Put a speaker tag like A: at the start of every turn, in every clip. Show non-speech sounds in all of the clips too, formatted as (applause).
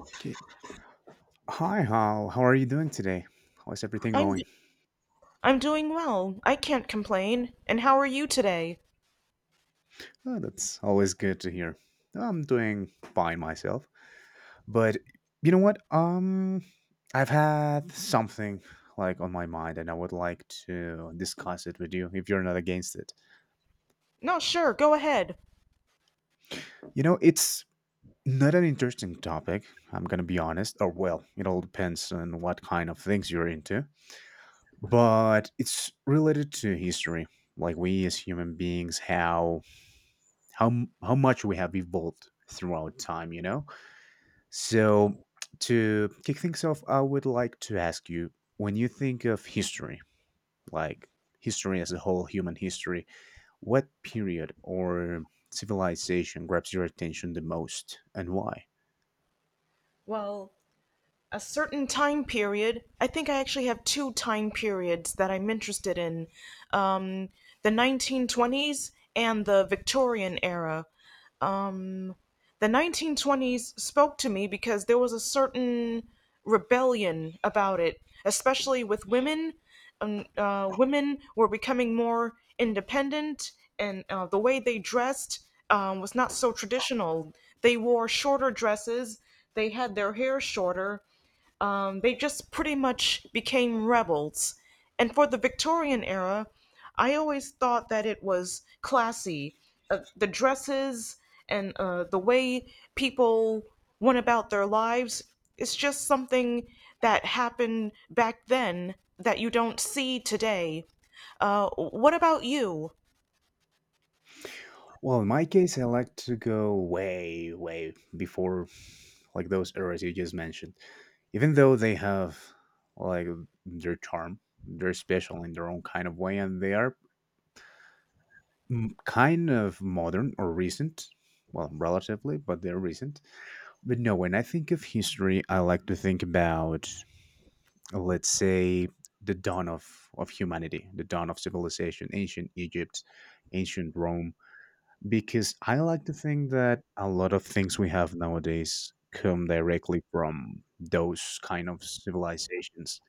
A: Okay. Hi, Hal. How are you doing today? How is everything
B: I'm
A: going?
B: d- I'm doing well. I can't complain. And how are you today?
A: Oh, that's always good to hear. I'm doing fine myself. But you know what? I've had something like on my mind and I would like to discuss it with you if you're not against it.
B: No, sure, go ahead.
A: You know, it's not an interesting topic, I'm going to be honest. Or, well, it all depends on what kind of things you're into. But it's related to history. Like, we as human beings, how how much we have evolved throughout time, you know. So to kick things off, I would like to ask you, when you think of history, like history as a whole, human history, what period or civilization grabs your attention the most, and why?
B: Well, a certain time period. I think I actually have two time periods that I'm interested in. Um, the 1920s and the Victorian era. Um, the 1920s spoke to me because there was a certain rebellion about it, especially with women. Women were becoming more independent, and the way they dressed was not so traditional. They wore shorter dresses, they had their hair shorter, they just pretty much became rebels. And for the Victorian era, I always thought that it was classy. The dresses and the way people went about their lives, it's just something that happened back then that you don't see today. What about you?
A: Well, in my case, I like to go way, way before like those eras you just mentioned. Even though they have like their charm, they're special in their own kind of way, and they are kind of modern or recent. Well, relatively, but they're recent. But no, when I think of history, I like to think about, let's say, the dawn of humanity, the dawn of civilization, ancient Egypt, ancient Rome, because I like to think that a lot of things we have nowadays come directly from those kind of civilizations.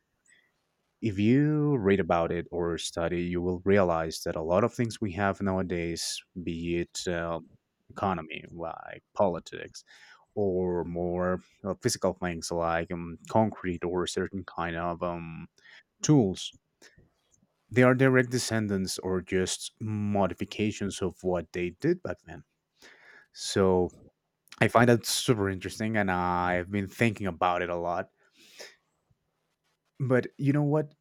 A: If you read about it or study, you will realize that a lot of things we have nowadays, be it economy, like politics, or more physical things like concrete or certain kind of tools, they are direct descendants or just modifications of what they did back then. So I find that super interesting, and I've been thinking about it a lot. But you know what?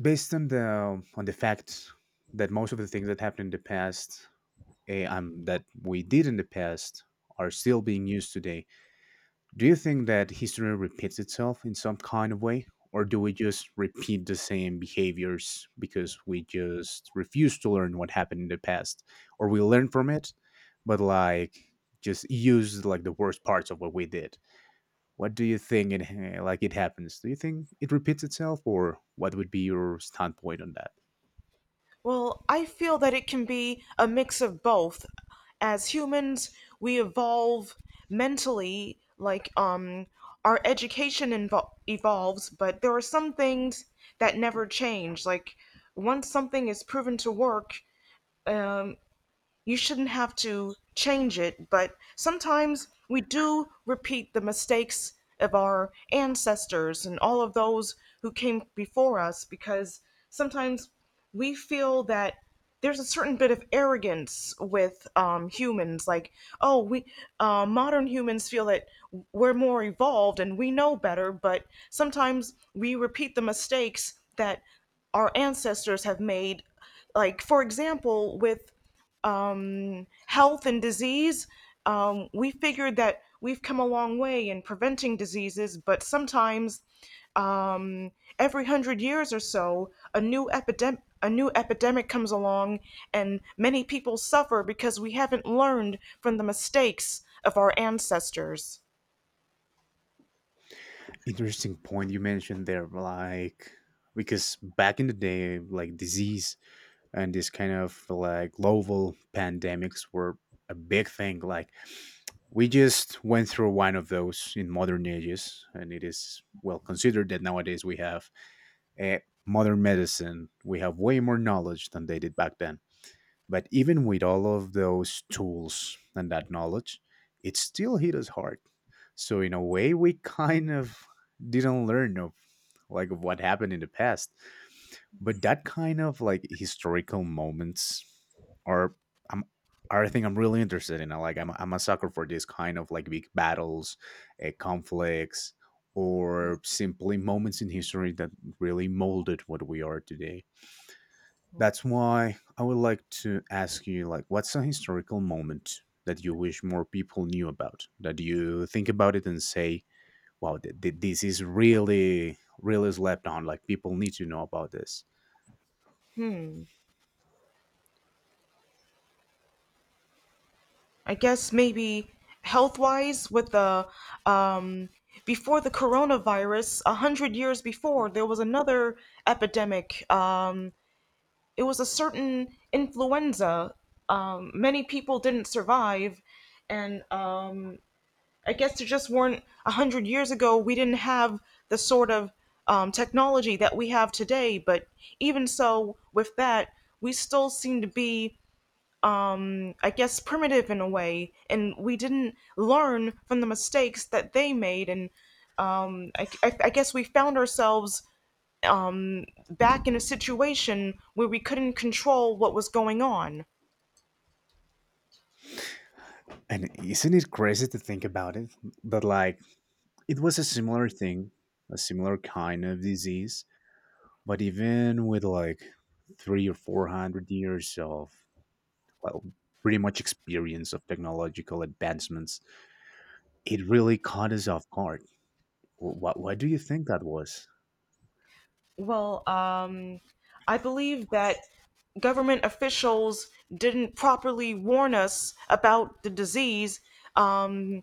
A: Based on the fact that most of the things that happened in the past, that we did in the past, are still being used today. Do you think that history repeats itself in some kind of way, or do we just repeat the same behaviors because we just refuse to learn what happened in the past, or we learn from it, but like just use like the worst parts of what we did? What do you think it like it happens? Do you think it repeats itself, or what would be your standpoint on that?
B: Well, I feel that it can be a mix of both. As humans, we evolve mentally, like, our education evolves, but there are some things that never change. Like, once something is proven to work, um you shouldn't have to change it, but sometimes we do repeat the mistakes of our ancestors and all of those who came before us, because sometimes we feel that there's a certain bit of arrogance with humans, like, oh, we modern humans feel that we're more evolved and we know better, but sometimes we repeat the mistakes that our ancestors have made, like, for example, with health and disease. We figured that we've come a long way in preventing diseases, but sometimes, um, every hundred years or so, a new epidemic. A new epidemic comes along, and many people suffer because we haven't learned from the mistakes of our ancestors.
A: Interesting point you mentioned there, like, because back in the day, like disease and this kind of like global pandemics were a big thing. Like we just went through one of those in modern ages, and it is well considered that nowadays we have a modern medicine. We have way more knowledge than they did back then. But even with all of those tools and that knowledge, it still hit us hard. So in a way, we (laughs) kind of didn't learn of like of what happened in the past. But that kind of like historical moments are I'm are a thing I'm really interested in. Like I'm a sucker for this kind of like big battles, conflicts, or simply moments in history that really molded what we are today. That's why I would like to ask you, like, what's a historical moment that you wish more people knew about, that you think about it and say, wow, this is really, really slept on, like people need to know about this.
B: I guess maybe health wise, with the um, before the coronavirus, 100 years before, there was another epidemic. It was a certain influenza. Many people didn't survive, and I guess there just weren't, 100 years ago. We didn't have the sort of technology that we have today. But even so, with that, we still seem to be, I guess, primitive in a way, and we didn't learn from the mistakes that they made. And I guess we found ourselves back in a situation where we couldn't control what was going on.
A: And isn't it crazy to think about it? But like it was a similar thing, a similar kind of disease, but even with like three or four hundred years of, well, pretty much experience of technological advancements, it really caught us off guard. Why do you think that was?
B: Well, I believe that government officials didn't properly warn us about the disease. Um,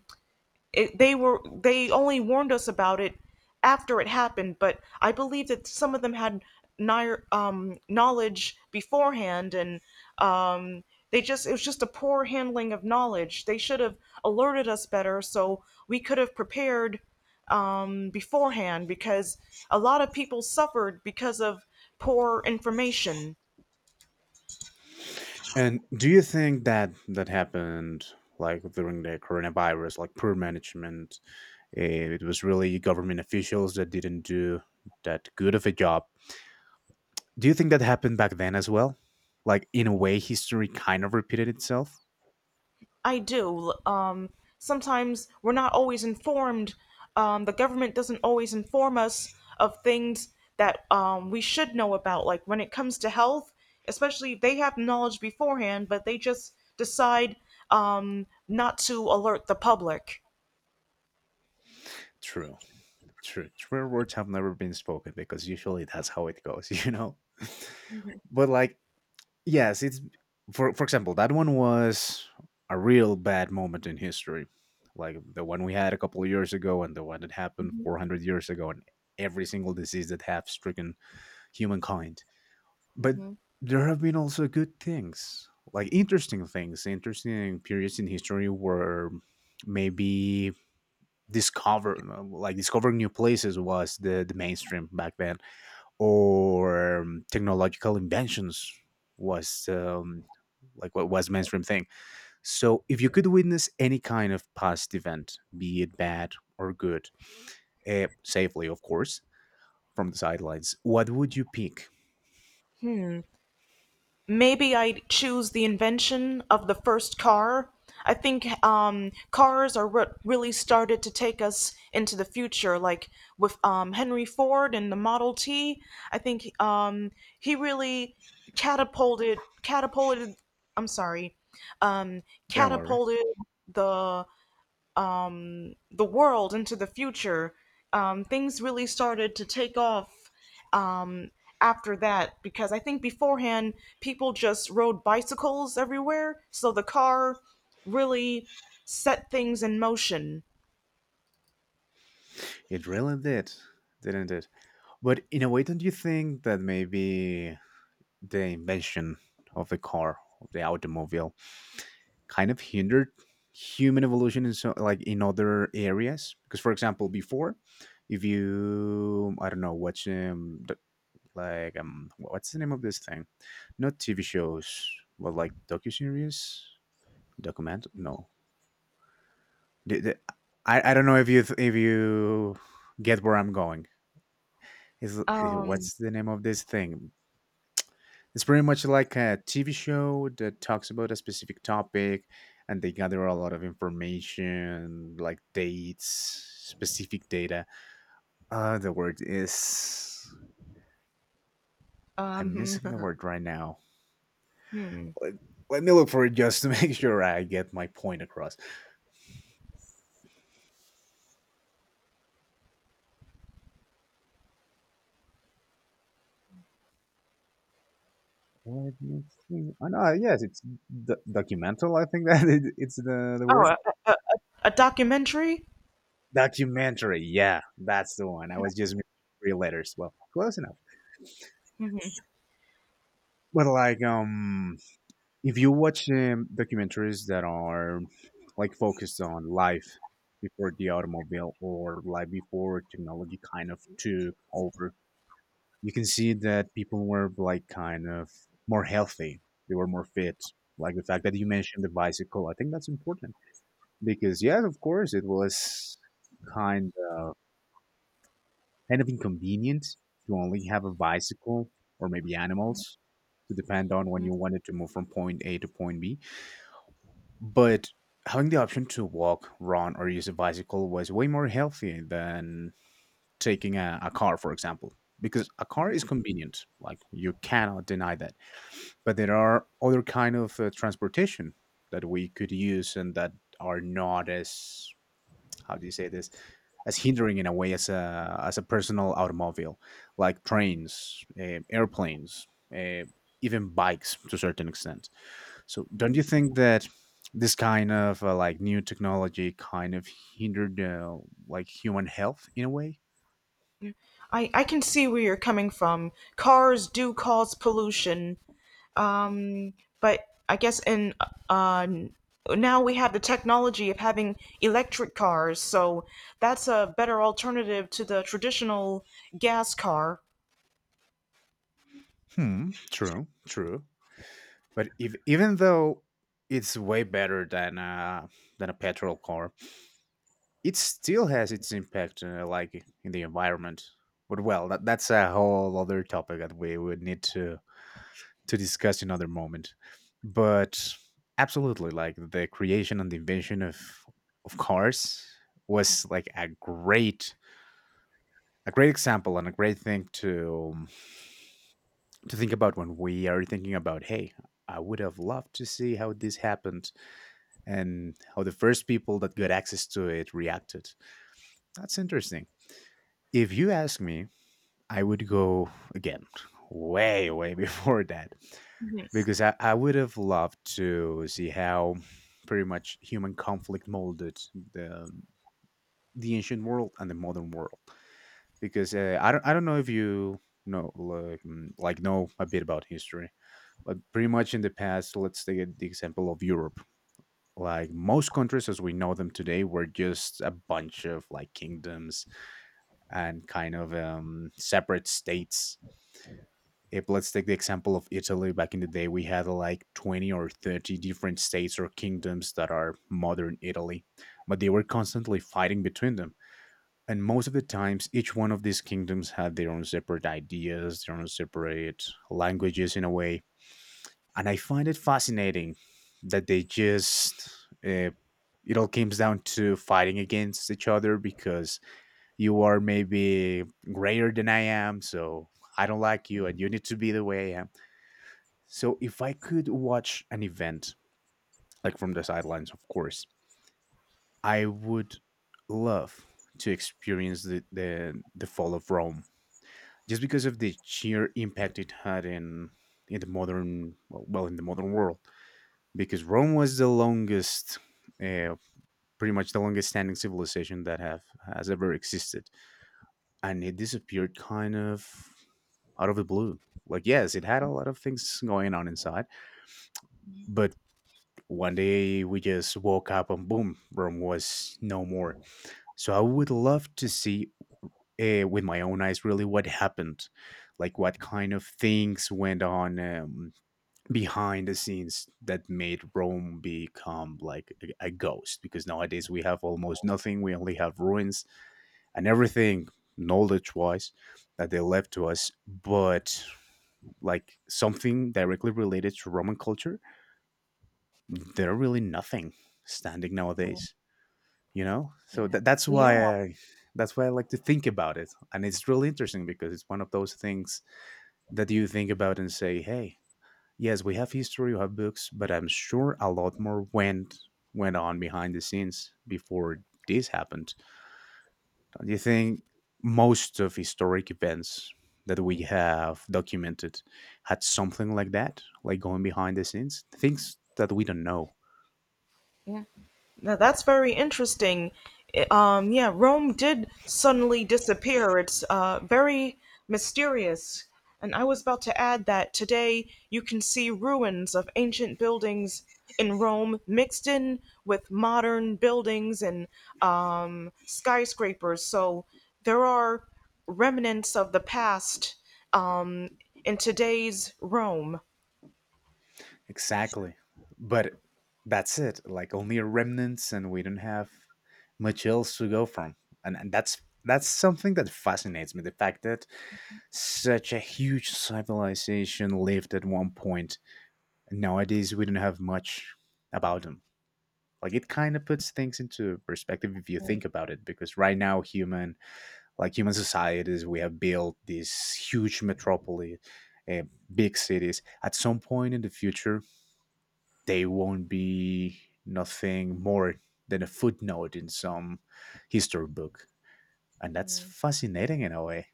B: it, they were they only warned us about it after it happened, but I believe that some of them had knowledge beforehand, and um, they just it was just a poor handling of knowledge. They should have alerted us better, so we could have prepared, beforehand, because a lot of people suffered because of poor information.
A: And do you think that that happened like during the coronavirus, like poor management? It was really government officials that didn't do that good of a job. Do you think that happened back then as well? Like in a way, history kind of repeated itself.
B: I do. Sometimes we're not always informed. The government doesn't always inform us of things that we should know about, like when it comes to health, especially if they have knowledge beforehand, but they just decide not to alert the public.
A: True, true. True words have never been spoken, because usually that's how it goes, (laughs) you know. But like yes, it's, for example, that one was a real bad moment in history. Like the one we had a couple of years ago, and the one that happened 400 years ago, and every single disease that have stricken humankind. But there have been also good things, like interesting things, interesting periods in history where maybe discover like discovering new places was the mainstream back then, or technological inventions was like what was mainstream thing. So if you could witness any kind of past event, be it bad or good, safely of course, from the sidelines, what would you pick?
B: Maybe I'd choose the invention of the first car. I think cars are what really started to take us into the future, like with Henry Ford and the Model T. I think he really catapulted. I'm sorry. um,
A: Don't worry.
B: Catapulted the the world into the future. Things really started to take off um, after that, because I think beforehand people just rode bicycles everywhere, so the car really set things in motion.
A: It really did, didn't it? But in a way, don't you think that maybe the invention of the car, of the automobile, kind of hindered human evolution in so like in other areas? Because for example before, if you, I don't know, watch like what's the name of this thing, not TV shows, but like docuseries, document no, the, the, I don't know if you get where I'm going, is what's the name of this thing? It's pretty much like a TV show that talks about a specific topic, and they gather a lot of information, like dates, specific data. The word is. I'm
B: Um,
A: missing the
B: (laughs)
A: word right now. Let, let me look for it just to (laughs) make sure I get my point across. Let me see. Oh, no, yes, it's documental. I think that (laughs) it's the
B: oh,
A: word.
B: a, a a documentary?
A: Documentary. Yeah, that's the one. I was just missing three letters. Well, close enough. But like, if you watch documentaries that are like focused on life before the automobile or life before technology kind of took over, you can see that people were like kind of more healthy. They were more fit. Like the fact that you mentioned the bicycle, I think that's important, because yes, of course, it was kind of kind of inconvenient to only have a bicycle or maybe animals to depend on when you wanted to move from point A to point B. But having the option to walk, run, or use a bicycle was way more healthy than taking a car, for example. Because a car is convenient, like you cannot deny that. But there are other kind of transportation that we could use and that are not as, how do you say this, as hindering in a way as a personal automobile, like trains, airplanes, uh, even bikes to a certain extent. So don't you think that this kind of like new technology kind of hindered like human health in a way?
B: I can see where you're coming from. Cars do cause pollution, um, but I guess in uh, now we have the technology of having electric cars, so that's a better alternative to the traditional gas car.
A: Hmm, true, true. But if even though it's way better than a petrol car, it still has its impact, like in the environment. But well, that's a whole other topic that we would need to discuss another moment. But absolutely, like the creation and the invention of cars was like a great, a great example and a great thing to think about when we are thinking about, hey, I would have loved to see how this happened and how the first people that got access to it reacted. That's interesting. If you ask me, I would go again way, way (laughs) before that,
B: Mhm.
A: because I would have loved to see how pretty much human conflict molded the the ancient world and the modern world. Because I don't, I don't know if you know, like, like know a bit about history, but pretty much in the past, let's take the example of Europe. Like most countries as we know them today were just a bunch of like kingdoms and kind of separate states. If, let's take the example of Italy, back in the day we had like 20 or 30 different states or kingdoms that are modern Italy, but they were constantly fighting between them. And most of the times each one of these kingdoms had their own separate ideas, their own separate languages in a way. And I find it fascinating that they just uh, it all comes down to fighting against each other because you are maybe greater than I am, so I don't like you and you need to be the way I am. So if I could watch an event, like from the sidelines, of course, I would love to experience the fall of Rome just because of the sheer impact it had in the modern well in the modern world because Rome was the longest uh, pretty much the longest standing civilization that have has ever existed, and it disappeared kind of out of the blue. Like, yes, it had a lot of things going on inside, but one day we just woke up and boom, Rome was no more. So I would love to see with my own eyes really what happened, like what kind of things went on behind the scenes that made Rome become like a ghost, because nowadays we have almost nothing. We only have ruins and everything knowledge wise that they left to us, but like something directly related to Roman culture, there are really nothing standing nowadays, so that's why
B: Yeah.
A: I that's why I like to think about it. And it's really interesting because it's one of those things that you think about and say, hey, yes, we have history, we have books, but I'm sure a lot more went on behind the scenes before this happened. Do you think most of historic events that we have documented had something like that, like going behind the scenes, things that we don't know?
B: Now that's very interesting. Yeah, Rome did suddenly disappear. It's very mysterious. And I was about to add that today you can see ruins of ancient buildings in Rome mixed in with modern buildings and skyscrapers. So there are remnants of the past um, in today's Rome.
A: Exactly. But that's it. Like, only remnants, and we don't have much else to go from. And that's something that fascinates me. The fact that such a huge civilization lived at one point. Nowadays, we don't have much about them. Like, it kind of puts things into perspective if you think about it, because right now human like human societies, we have built these huge metropolis, uh, big cities. At some point in the future, they won't be nothing more than a footnote in some history book, and that's fascinating in a way.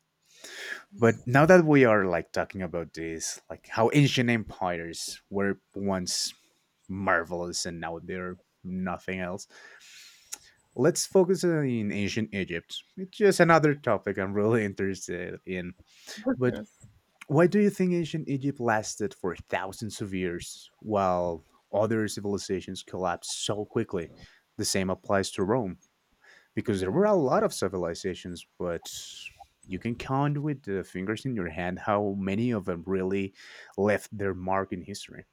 A: But now that we are like talking about this, like how ancient empires were once marvelous and now they're nothing else, let's focus on ancient Egypt. It's just another topic I'm really (laughs) interested in. But why do you think ancient Egypt lasted for thousands of years while other civilizations collapsed so quickly? The same applies to Rome, because there were a lot of civilizations, but you can count with the fingers in your hand how many of them really left their mark in history.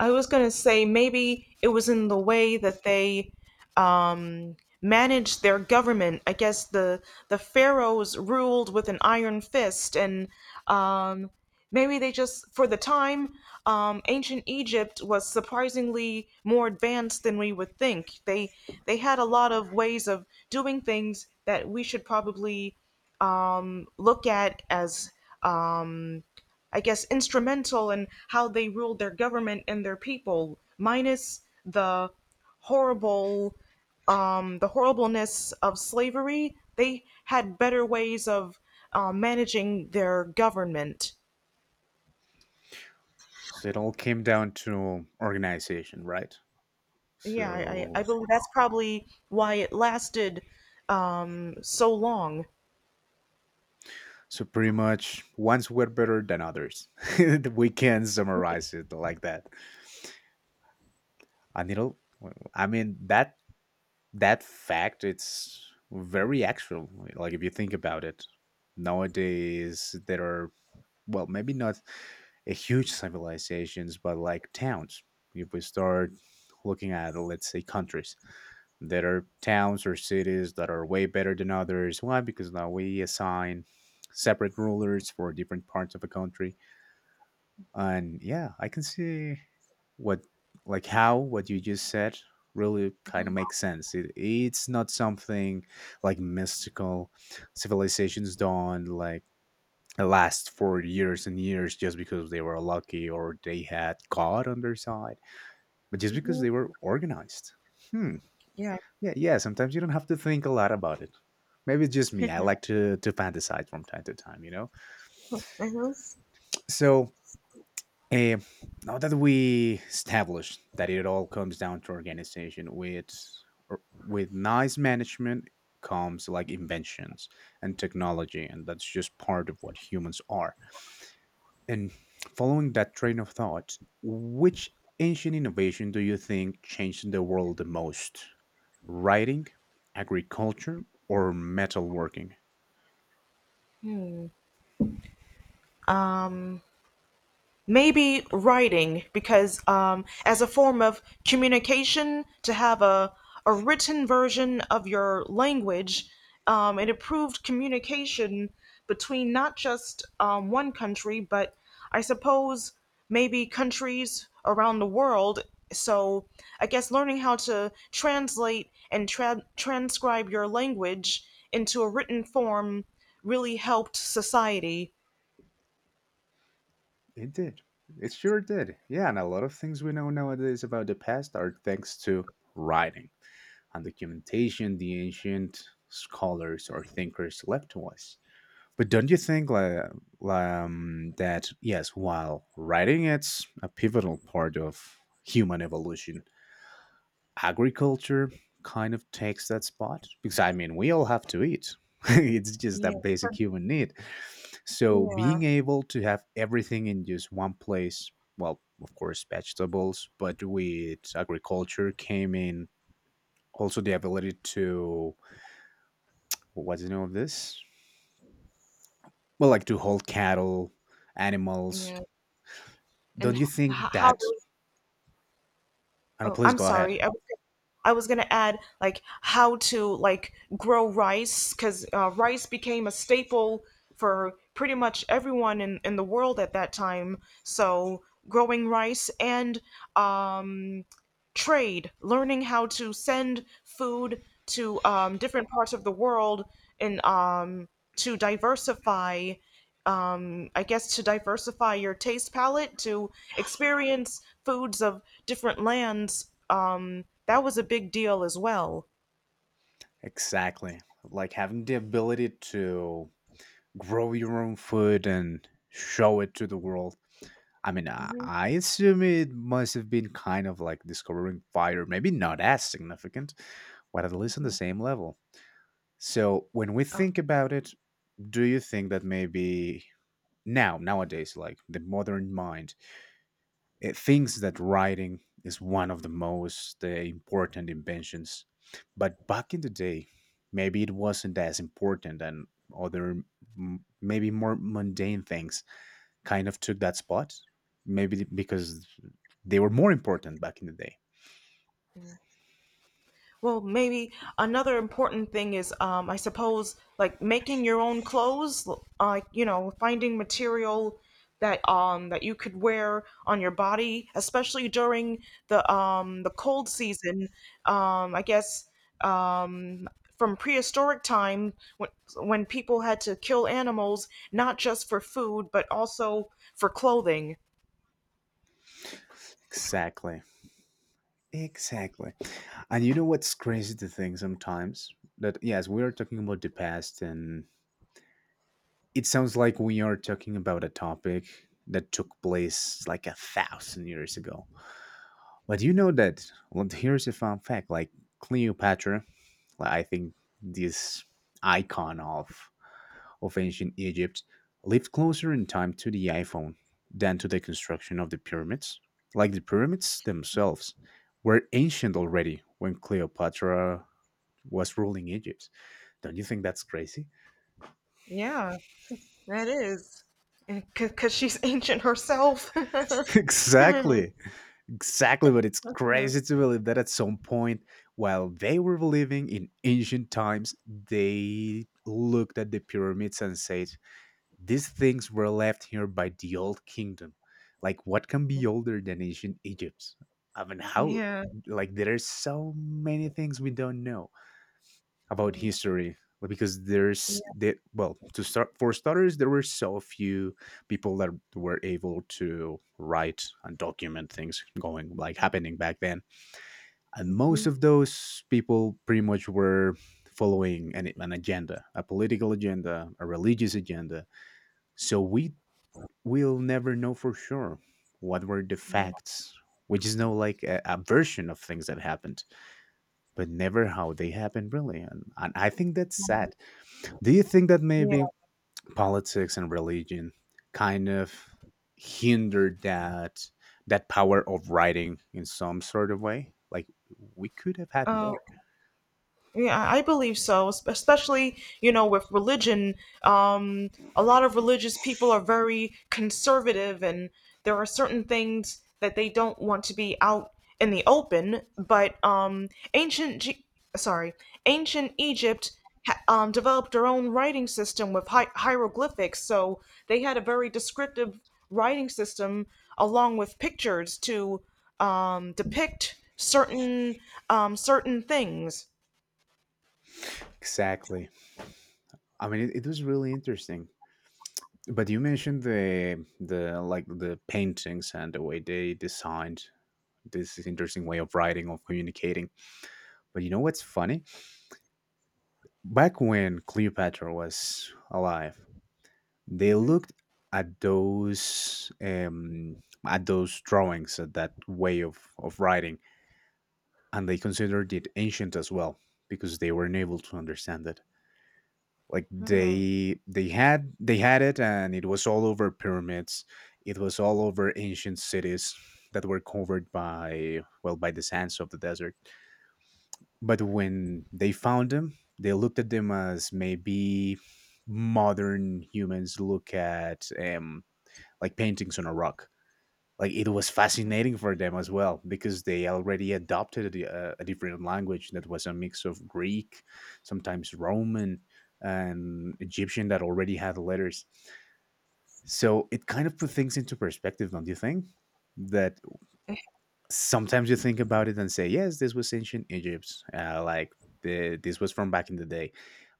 B: I was gonna say maybe it was in the way that they um, managed their government. I guess the pharaohs ruled with an iron fist, and um, maybe they just, for the time, ancient Egypt was surprisingly more advanced than we would think. They had a lot of ways of doing things that we should probably um, look at as, um, I guess, instrumental in how they ruled their government and their people, minus the horrible, the horribleness of slavery. They had better ways of managing their government.
A: So it all came down to organization, right?
B: Yeah, I
A: So.
B: believe that's probably why it lasted so long.
A: So pretty much, ones were better than others. (laughs) We can summarize it like that. And a little, I mean, that that fact it's very actual. Like, if you think about it, nowadays there are, well, maybe not a huge civilizations, but like towns. If we start looking at, let's say, countries, there are towns or cities that are way better than others. Why? Because now we assign separate rulers for different parts of a country. And yeah, I can see what, like how what you just said really kind of makes sense. It's not something like mystical. Civilizations don't like last for years and years just because they were lucky or they had God on their side, but just because
B: Hmm.
A: they were organized. Hmm.
B: Yeah.
A: Yeah, yeah. Sometimes you don't have to think a lot about it. Maybe it's just
B: (laughs)
A: me. I
B: Hmm.
A: like to fantasize from time to time, you know. So. Eh, now that we established that it all comes down to organization, with with nice management comes like inventions and technology, and that's just part of what humans are. And following that train of thought, which ancient innovation do you think changed the world the most? Writing, agriculture, or metalworking?
B: Maybe writing, because as a form of communication to have a written version of your language, it improved communication between not just one country but I suppose maybe countries around the world. So I guess learning how to translate and transcribe your language into a written form really helped society.
A: It did. It sure did. Yeah, and a lot of things we know nowadays about the past are thanks to writing and documentation the ancient scholars or thinkers left to us. But don't you think like, that, yes, while writing it's a pivotal part of human evolution, agriculture kind of takes that spot, because I mean, we all have to eat. (laughs) It's just a
B: Yeah.
A: basic human need. So
B: Yeah.
A: being able to have everything in just one place, well, of course, vegetables, but with agriculture came in also the ability to, what's the name of this? Well, like to hold cattle, animals.
B: Yeah. and
A: Don't
B: h-
A: you think
B: how
A: that? I know.
B: oh
A: Please
B: I'm
A: go ahead.
B: sorry. I was gonna add, like, how to, like, grow rice, because rice became a staple for pretty much everyone in the world at that time. So growing rice and, um, trade, learning how to send food to different parts of the world, and to diversify, I guess, to diversify your taste palette, to experience foods of different lands. That was a big deal as well.
A: Exactly. Like having the ability to grow your own food and show it to the world. I mean, I assume it must have been kind of like discovering fire, maybe not as significant, but at least on the same level. So, when we think about it, do you think that maybe now, nowadays, like the modern mind, it thinks that writing is one of the most important inventions? But back in the day, maybe it wasn't as important and other maybe more mundane things kind of took that spot, maybe because they were more important back in the day.
B: Well, maybe another important thing is, I suppose, like, making your own clothes, like, finding material that that you could wear on your body, especially during the cold season. I guess, um from prehistoric time when people had to kill animals not just for food but also for clothing.
A: Exactly. Exactly. And you know what's crazy to think sometimes? That, yes, we are talking about the past, and it sounds like we are talking about a topic that took place like a thousand years ago. But you know that, well, here's a fun fact, like Cleopatra, like, I think this icon of ancient Egypt lived closer in time to the iPhone than to the construction of the pyramids. Like, the pyramids themselves were ancient already when Cleopatra was ruling Egypt. Don't you think that's crazy?
B: Yeah, that is, because she's ancient herself. (laughs)
A: (laughs) Exactly. Exactly. But it's crazy to believe that at some point, while they were living in ancient times, they looked at the pyramids and said, these things were left here by the old kingdom. Like, what can be older than ancient Egypt? I mean, how,
B: Yeah.
A: like, there are so many things we don't know about history like, because there's
B: Yes,
A: that, well, to start for starters, there were so few people that were able to write and document things going like happening back then, and most
B: yes.
A: of those people pretty much were following an agenda, a political agenda, a religious agenda. So we'll never know for sure what were the
B: Yeah.
A: facts. We just know like a version of things that happened, but never how they happened really. And I think that's sad. Do you think that
B: Yeah.
A: maybe politics and religion kind of hindered that that power of writing in some sort of way? Like, we could have had
B: Um,
A: more.
B: Yeah, I believe so. Especially, with religion, um, a lot of religious people are very conservative, and there are certain things that they don't want to be out in the open. But ancient, G- sorry, ancient Egypt developed their own writing system with hieroglyphics, so they had a very descriptive writing system along with pictures to depict certain things.
A: Exactly. I mean, it was really interesting. But you mentioned the like the paintings and the way they designed this is interesting way of writing of communicating, but you know what's funny, back when Cleopatra was alive, they looked at those um at those drawings, at that way of writing, and they considered it ancient as well, because they were unable to understand it. Like,
B: Hmm,
A: they had, they had it, and it was all over pyramids. It was all over ancient cities that were covered by, well, by the sands of the desert. But when they found them, they looked at them as maybe modern humans look at like paintings on a rock. Like, it was fascinating for them as well because they already adopted a different language that was a mix of Greek, sometimes Roman, and Egyptian that already had letters. So it kind of put things into perspective, don't you think? That sometimes you think about it and say, yes, this was ancient Egypt, like this was from back in the day.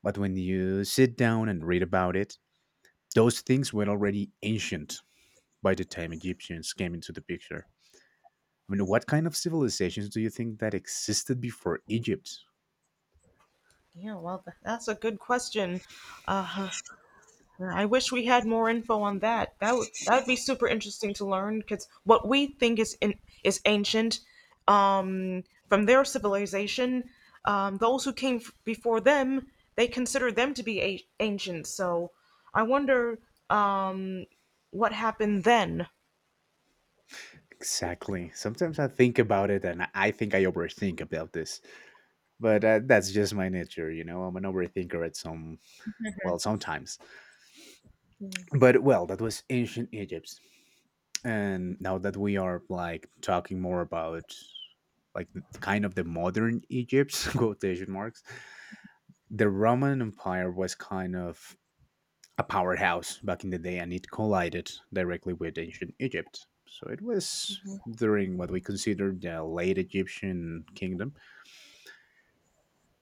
A: But when you sit down and read about it, those things were already ancient by the time Egyptians came into the picture. I mean, what kind of civilizations do you think that existed before Egypt?
B: yeah, well, that's a good question. Uh, I wish we had more info on that. That would be super interesting to learn, because what we think is is ancient, um, from their civilization, those who came before them, they consider them to be ancient. So I wonder, um, what happened then.
A: Exactly. Sometimes I think about it and I think I overthink about this, but that's just my nature, you know? I'm an overthinker at some, well, sometimes. But, well, that was ancient Egypt, and now that we are like talking more about kind of the modern Egypt (laughs) quotation marks, the Roman Empire was kind of a powerhouse back in the day, and it collided directly with ancient Egypt. So it was during what we consider the late Egyptian kingdom.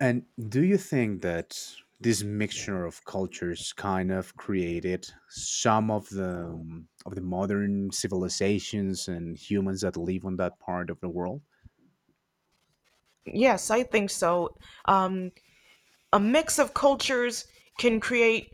A: And do you think that this mixture of cultures kind of created some of the modern civilizations and humans that live on that part of the world?
B: Yes, I think so. Um, a mix of cultures can create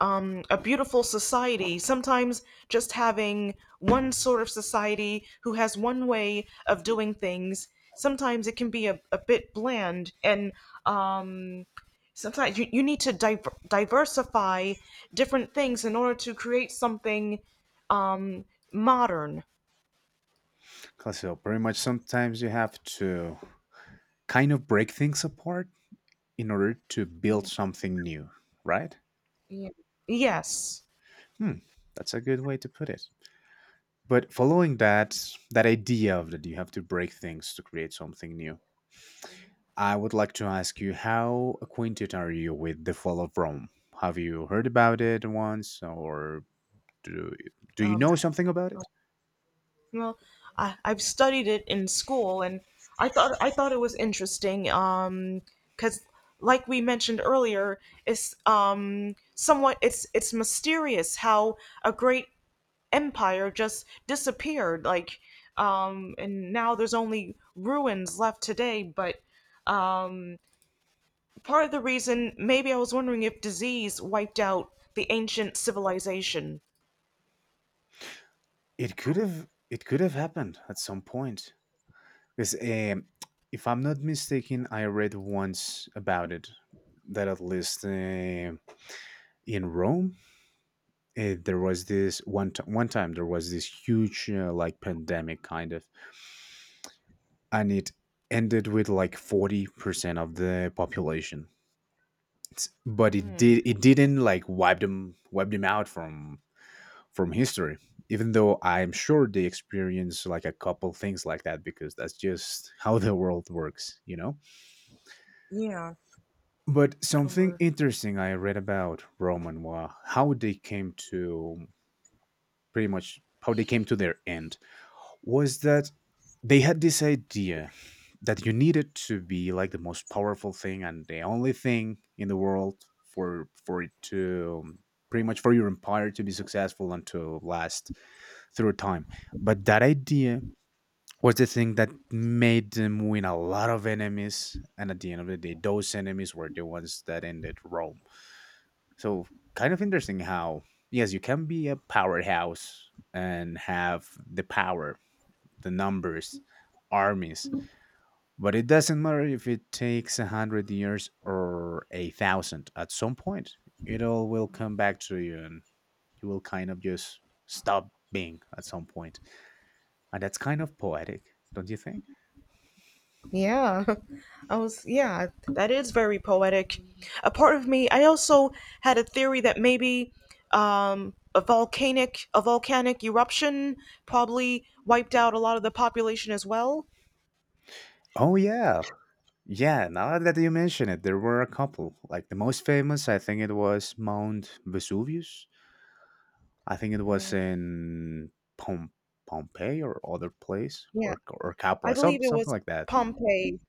B: a beautiful society. Sometimes just having one sort of society who has one way of doing things, sometimes it can be a bit bland. And um, sometimes you need to diversify different things in order to create something um, modern.
A: Because so pretty much sometimes you have to kind of break things apart in order to build something new, right?
B: Yeah. Yes.
A: Hmm, that's a good way to put it. But following that that idea of that you have to break things to create something new, I would like to ask you how acquainted are you with the fall of Rome? Have you heard about it once or do do you
B: Um,
A: know something about it?
B: Well, I've studied it in school, and I thought it was interesting. Because, like we mentioned earlier, it's somewhat, it's mysterious how a great empire just disappeared. Like, and now there's only ruins left today. But um, part of the reason, maybe, I was wondering if disease wiped out the ancient civilization.
A: It could have, it could have happened at some point. Because if I'm not mistaken, I read once about it that at least in Rome, there was this one time there was this huge like pandemic kind of, and it ended with like 40% of the population, but it
B: Hmm.
A: did it didn't like wipe them out from history. Even though I'm sure they experienced like a couple things like that, because that's just how the world works, you know.
B: Yeah.
A: But something
B: Or.
A: interesting I read about Roman was how they came to, pretty much how they came to their end, was that they had this idea that you needed to be like the most powerful thing and the only thing in the world for it to pretty much for your empire to be successful and to last through time. But that idea was the thing that made them win a lot of enemies, and at the end of the day those enemies were the ones that ended Rome. So, kind of interesting how yes, you can be a powerhouse and have the power, the numbers, armies. But it doesn't matter if it takes a hundred years or a thousand. At some point, it all will come back to you, and you will kind of just stop being at some point. And that's kind of poetic, don't you think?
B: Yeah. (laughs) I was, yeah, that is very poetic. A part of me, I also had a theory that maybe, a volcanic eruption probably wiped out a lot of the population as well.
A: Oh yeah, yeah. Now that you mention it, there were a couple. Like the most famous, I think it was Mount Vesuvius. I think it was
B: Yeah.
A: in Pom- Pompeii or other place,
B: Yeah.
A: or
B: I
A: Capua, some
B: believe it
A: something
B: was
A: like that.
B: Pompeii.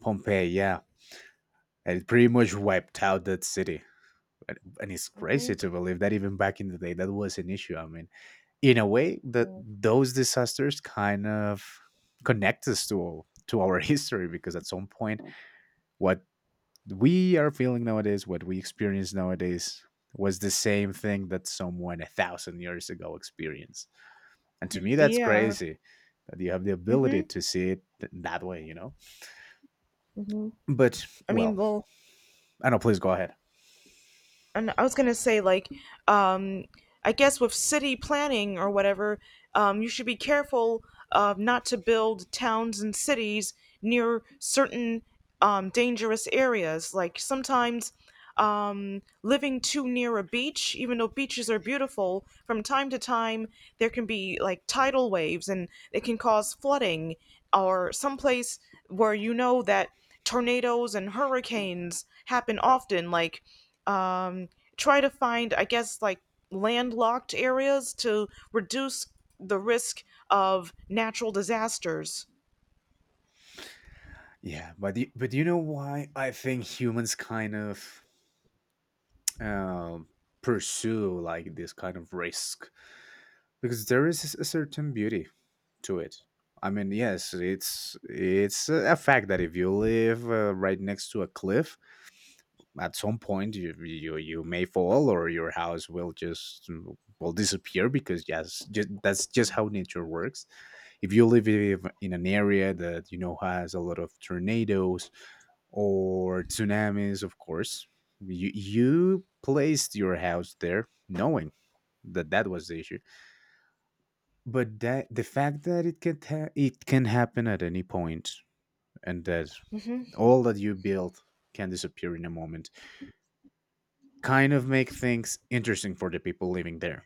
A: Pompeii, yeah. And it pretty much wiped out that city. And it's crazy
B: Hmm.
A: to believe that even back in the day, that was an issue. I mean, in a way, that those disasters kind of connect us to our (laughs) history, because at some point, what we are feeling nowadays, what we experience nowadays, was the same thing that someone a thousand years ago experienced. And to me, that's
B: Yeah.
A: crazy that you have the ability
B: Hmm.
A: to see it that way, you know.
B: Hmm.
A: But
B: I mean,
A: well,
B: well,
A: I know. Please go ahead.
B: and I was gonna say, like, um I guess, with city planning or whatever, you should be careful of not to build towns and cities near certain dangerous areas. Like sometimes, living too near a beach, even though beaches are beautiful, from time to time there can be, like, tidal waves and it can cause flooding, or someplace where you know that tornadoes and hurricanes happen often. Like, um, try to find, I guess, like, landlocked areas to reduce the risk of natural disasters.
A: Yeah, but do you know why I think humans kind of um, pursue like this kind of risk, because there is a certain beauty to it. I mean, yes, it's a fact that if you live right next to a cliff, at some point you, you may fall, or your house will just will disappear, because yes, just, that's just how nature works. If you live in an area that you know has a lot of tornadoes or tsunamis, of course. You placed your house there knowing that that was the issue, but that the fact that it can it can happen at any point, and that
B: Hmm.
A: all that you built can disappear in a moment, kind of make things interesting for the people living there.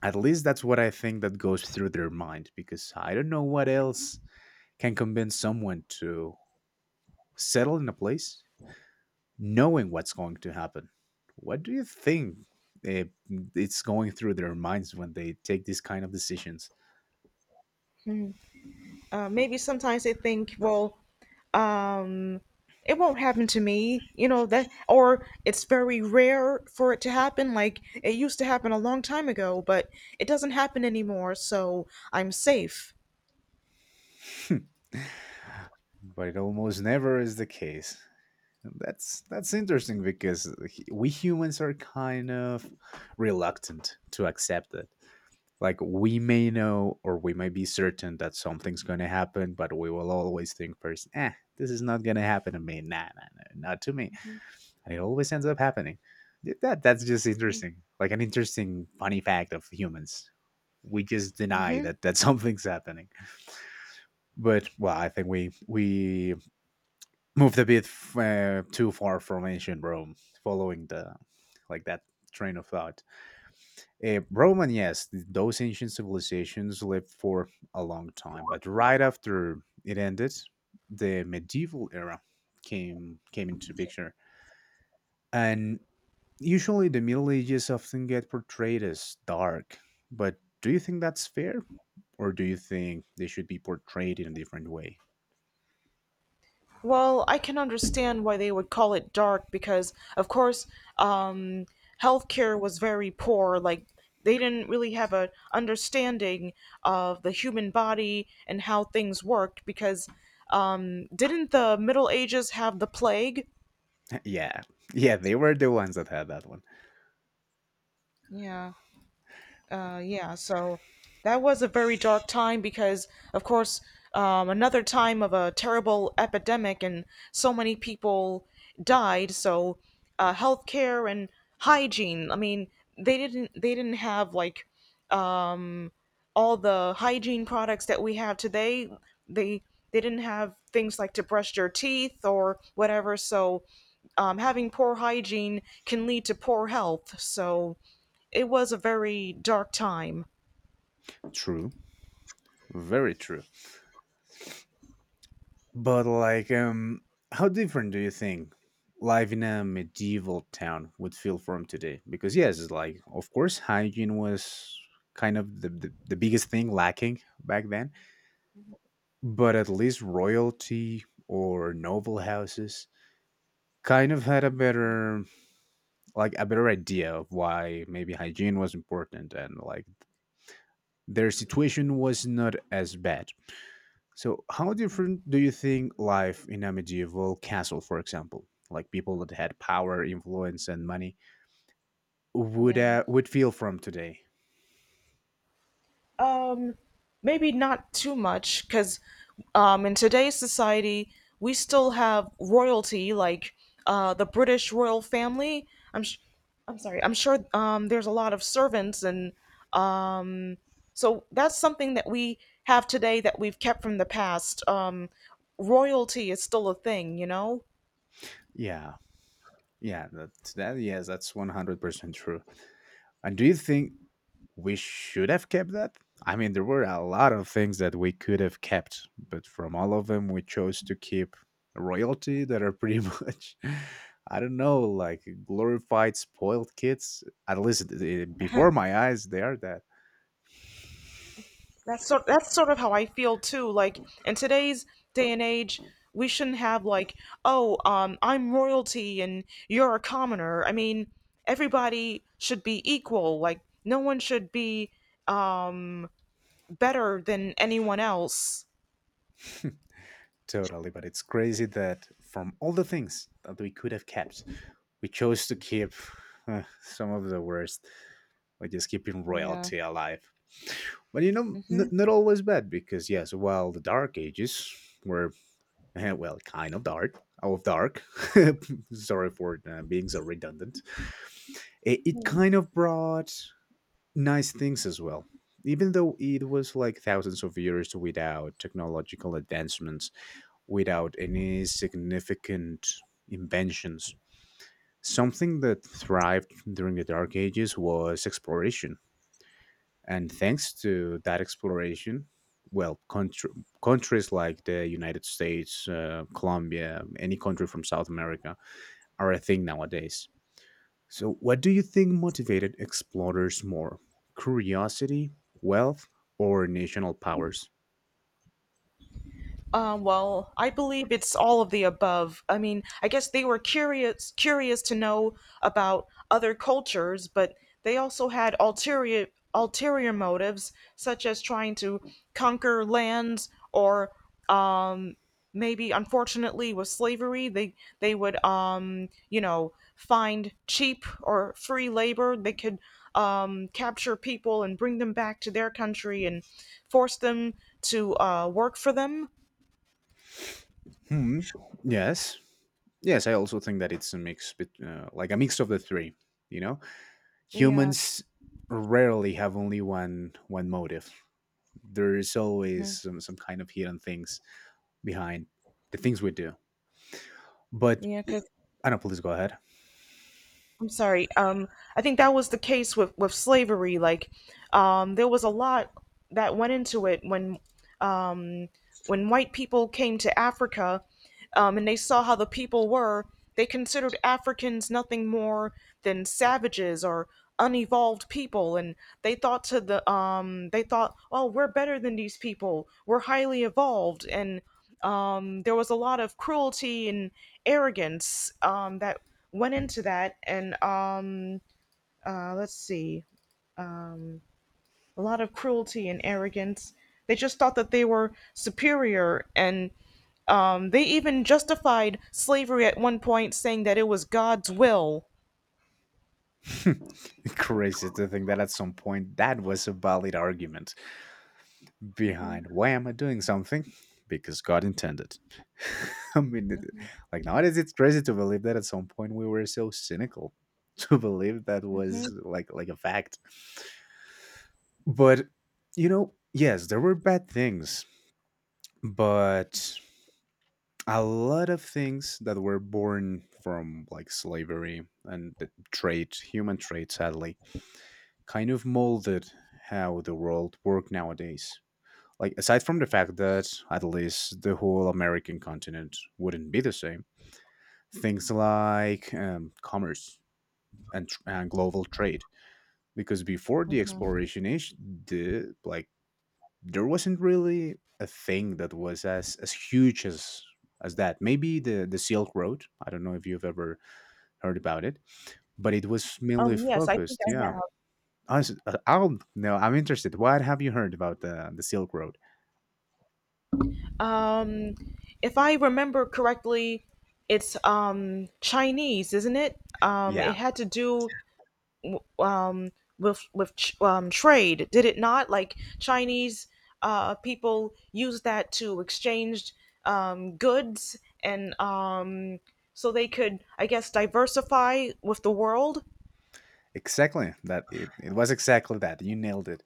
A: At least that's what I think that goes through their mind, because I don't know what else can convince someone to settle in a place knowing what's going to happen. What do you think uh, it's going through their minds when they take these kind of decisions?
B: Maybe sometimes they think, well, um, it won't happen to me, you know that, or it's very rare for it to happen. Like it used to happen a long time ago, but it doesn't happen anymore, so I'm safe.
A: (laughs) But it almost never is the case. That's interesting because we humans are kind of reluctant to accept it. Like we may know, or we may be certain that something's going to happen, but we will always think first, "Eh, this is not going to happen to me. Nah, nah, nah, not to me." And it always ends up happening. That's just interesting, like an interesting funny fact of humans. We just deny
B: Hmm.
A: that (laughs) something's happening. But well, I think we moved a bit too far from ancient Rome, following the like that train of thought. Rome, and yes, those ancient civilizations lived for a long time, but right after it ended, the medieval era came into picture. And usually, the Middle Ages often get portrayed as dark, but do you think that's fair? Or do you think they should be portrayed in a different way?
B: Well, I can understand why they would call it dark because, of course, um, healthcare was very poor. Like they didn't really have a understanding of the human body and how things worked. Because didn't the Middle Ages have the plague?
A: (laughs) Yeah, yeah, they were the ones that had that one.
B: Yeah. Yeah, so that was a very dark time because, of course, another time of a terrible epidemic and so many people died. So, healthcare and hygiene. I mean, they didn't have like um, all the hygiene products that we have today. They they didn't have things like to brush your teeth or whatever. So, having poor hygiene can lead to poor health. So it was a very dark time.
A: True, very true. But, like, how different do you think life in a medieval town would feel from today? Because, yes, it's like, of course, hygiene was kind of the, the biggest thing lacking back then, but at least royalty or noble houses kind of had a better, like a better idea of why maybe hygiene was important. And like, their situation was not as bad. So how different do you think life in a medieval castle, for example, like people that had power, influence and money,
B: Yeah.
A: would feel from today?
B: um, Maybe not too much because in today's society we still have royalty like the British royal family. i'm sh- I'm sorry, I'm sure there's a lot of servants and, um, so that's something that we have today that we've kept from the past. Royalty is still a thing, you know.
A: Yeah, yeah, that's that, yes, that's 100% true. And do you think we should have kept that? I mean, there were a lot of things that we could have kept, but from all of them, we chose to keep royalty that are pretty (laughs) much, I don't know, like glorified spoiled kids. At least eh, before my eyes, they are that.
B: That's sort of how I feel too. Like, in today's day and age, we shouldn't have like, oh, I'm royalty and you're a commoner. I mean, everybody should be equal. Like, no one should be um better than anyone else.
A: Totally, but it's crazy that from all the things that we could have kept, we chose to keep (laughs) some of the worst, like just keeping
B: Yeah.
A: royalty alive. But you know,
B: Hmm.
A: not always bad, because yes, while the Dark Ages were well, kind of dark, out of dark. (laughs) Sorry for being so redundant. It kind of brought nice things as well. Even though it was like thousands of years without technological advancements, without any significant inventions, something that thrived during the Dark Ages was exploration. And thanks to that exploration, well, countries like the United States, Colombia, any country from South America are a thing nowadays. So, what do you think motivated explorers more? Curiosity, wealth, or national powers?
B: Well, I believe it's all of the above. I mean, I guess they were curious to know about other cultures, but they also had ulterior motives, such as trying to conquer lands or, um, maybe, unfortunately, with slavery, they would, you know, find cheap or free labor. They could capture people and bring them back to their country and force them to work for them.
A: Hmm. Yes. Yes, I also think that it's a mix, like a mix of the three, you know?
B: Yeah,
A: Humans rarely have only one motive. There is always
B: mhm.
A: some kind of hidden things behind the things we do. But
B: Yeah, because
A: I don't know, please go ahead.
B: I'm sorry. I think that was the case with slavery. Like, there was a lot that went into it um, when white people came to Africa, and they saw how the people were. They considered Africans nothing more than savages or unevolved people, and they thought, oh, we're better than these people. We're highly evolved, and there was a lot of cruelty and arrogance that went into that, and, let's see, a lot of cruelty and arrogance. They just thought that they were superior, and they even justified slavery at one point, saying that it was God's will.
A: (laughs) Crazy to think that at some point that was a valid argument behind why am I doing something? Because God intended. (laughs) I mean, like nowadays it's crazy to believe that at some point we were so cynical (laughs) to believe that
B: Hmm.
A: was like a fact. But, you know, yes, there were bad things, but a lot of things that were born from like slavery and the trade, human trade, sadly, kind of molded how the world worked nowadays. Like, aside from the fact that at least the whole American continent wouldn't be the same, things like commerce and, and global trade. Because before the exploration age, the like there wasn't really a thing that was as huge as that. Maybe the Silk Road. I don't know if you've ever heard about it, but it was mainly
B: Yes, I think
A: focused.
B: I
A: Yeah,
B: have.
A: I'll no. I'm interested. What have you heard about the Silk Road?
B: Um, if I remember correctly, it's, Chinese, isn't it? It
A: Yeah,
B: had to do, um, with trade, did it not? Like, Chinese people used that to exchange goods, and, so they could, I guess, diversify with the world.
A: exactly. That it was exactly that. You nailed it.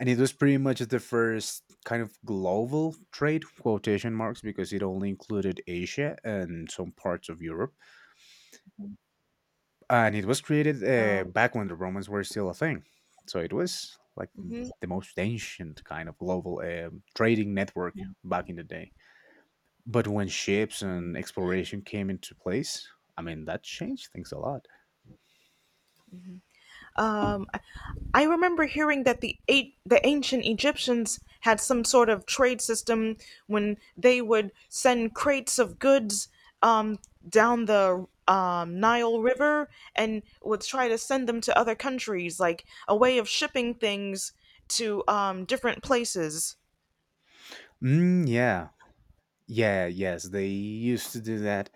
A: And it was pretty much the first kind of global trade, quotation marks, because it only included Asia and some parts of Europe. And it was created
B: Um,
A: back when the Romans were still a thing. So it was like
B: mhm.
A: the most ancient kind of global trading network back in the day. But when ships and exploration came into place, I mean, that changed things a lot.
B: Um, I I remember hearing that the ancient Egyptians had some sort of trade system when they would send crates of goods um, down the Nile River and would try to send them to other countries, like a way of shipping things to different places.
A: Mm, yeah. Yeah, yes, they used to do that.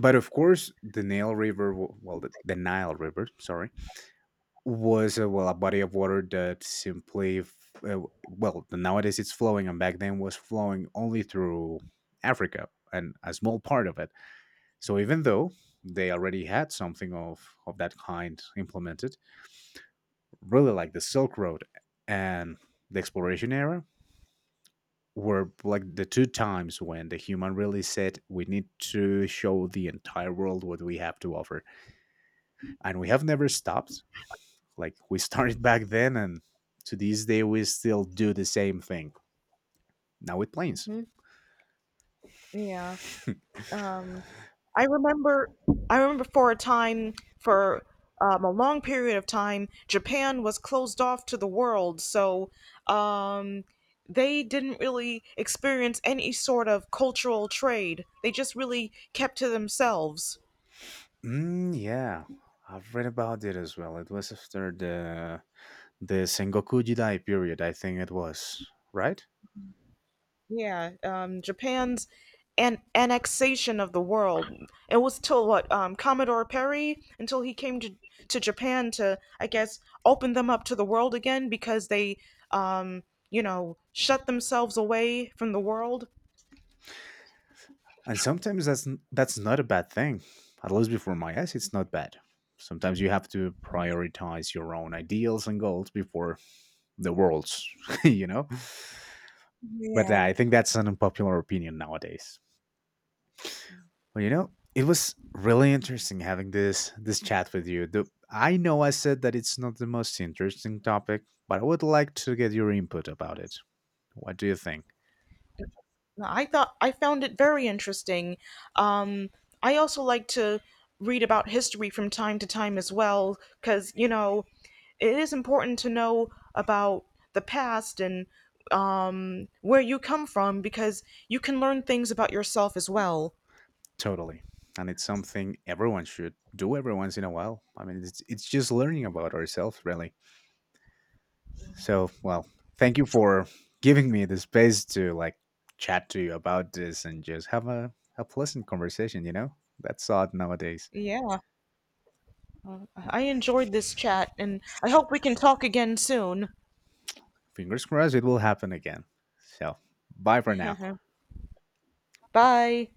A: But of course, the Nile River, well, the Nile River, sorry, was well, a body of water that simply, well, nowadays it's flowing, and back then was flowing only through Africa and a small part of it. So even though they already had something of that kind implemented, really like the Silk Road and the exploration era were like the two times when the human really said we need to show the entire world what we have to offer. And we have never stopped. Like we (laughs) started back then, and to this day we still do the same thing, now with planes.
B: Hmm. Yeah. Um, I remember, I remember for a time, for a long period of time, Japan was closed off to the world, so um, they didn't really experience any sort of cultural trade. They just really kept to themselves.
A: Mm, yeah. I've read about it as well. It was after the Sengoku Jidai period, I think it was. Right.
B: Yeah, Japan's an annexation of the world. It was till what, Commodore Perry, until he came to Japan to, I guess, open them up to the world again because they, um, you know, shut themselves away from the world.
A: And sometimes that's that's not a bad thing. At least before my eyes, it's not bad. Sometimes you have to prioritize your own ideals and goals before the world's (laughs) you know. But I think that's an unpopular opinion nowadays. Well, you know, it was really interesting having this chat with you. The, I know I said that it's not the most interesting topic, but I would like to get your input about it. What do you think?
B: No, I thought I found it very interesting. Um, I also like to read about history from time to time as well, because, you know, it is important to know about the past and where you come from, because you can learn things about yourself as well.
A: Totally. And it's something everyone should do every once in a while. I mean, it's just learning about ourselves, really. So, well, thank you for giving me the space to like chat to you about this and just have a pleasant conversation, you know? That's odd nowadays.
B: Yeah, I enjoyed this chat, and I hope we can talk again soon.
A: Fingers crossed it will happen again. So, bye for now.
B: (laughs) Bye.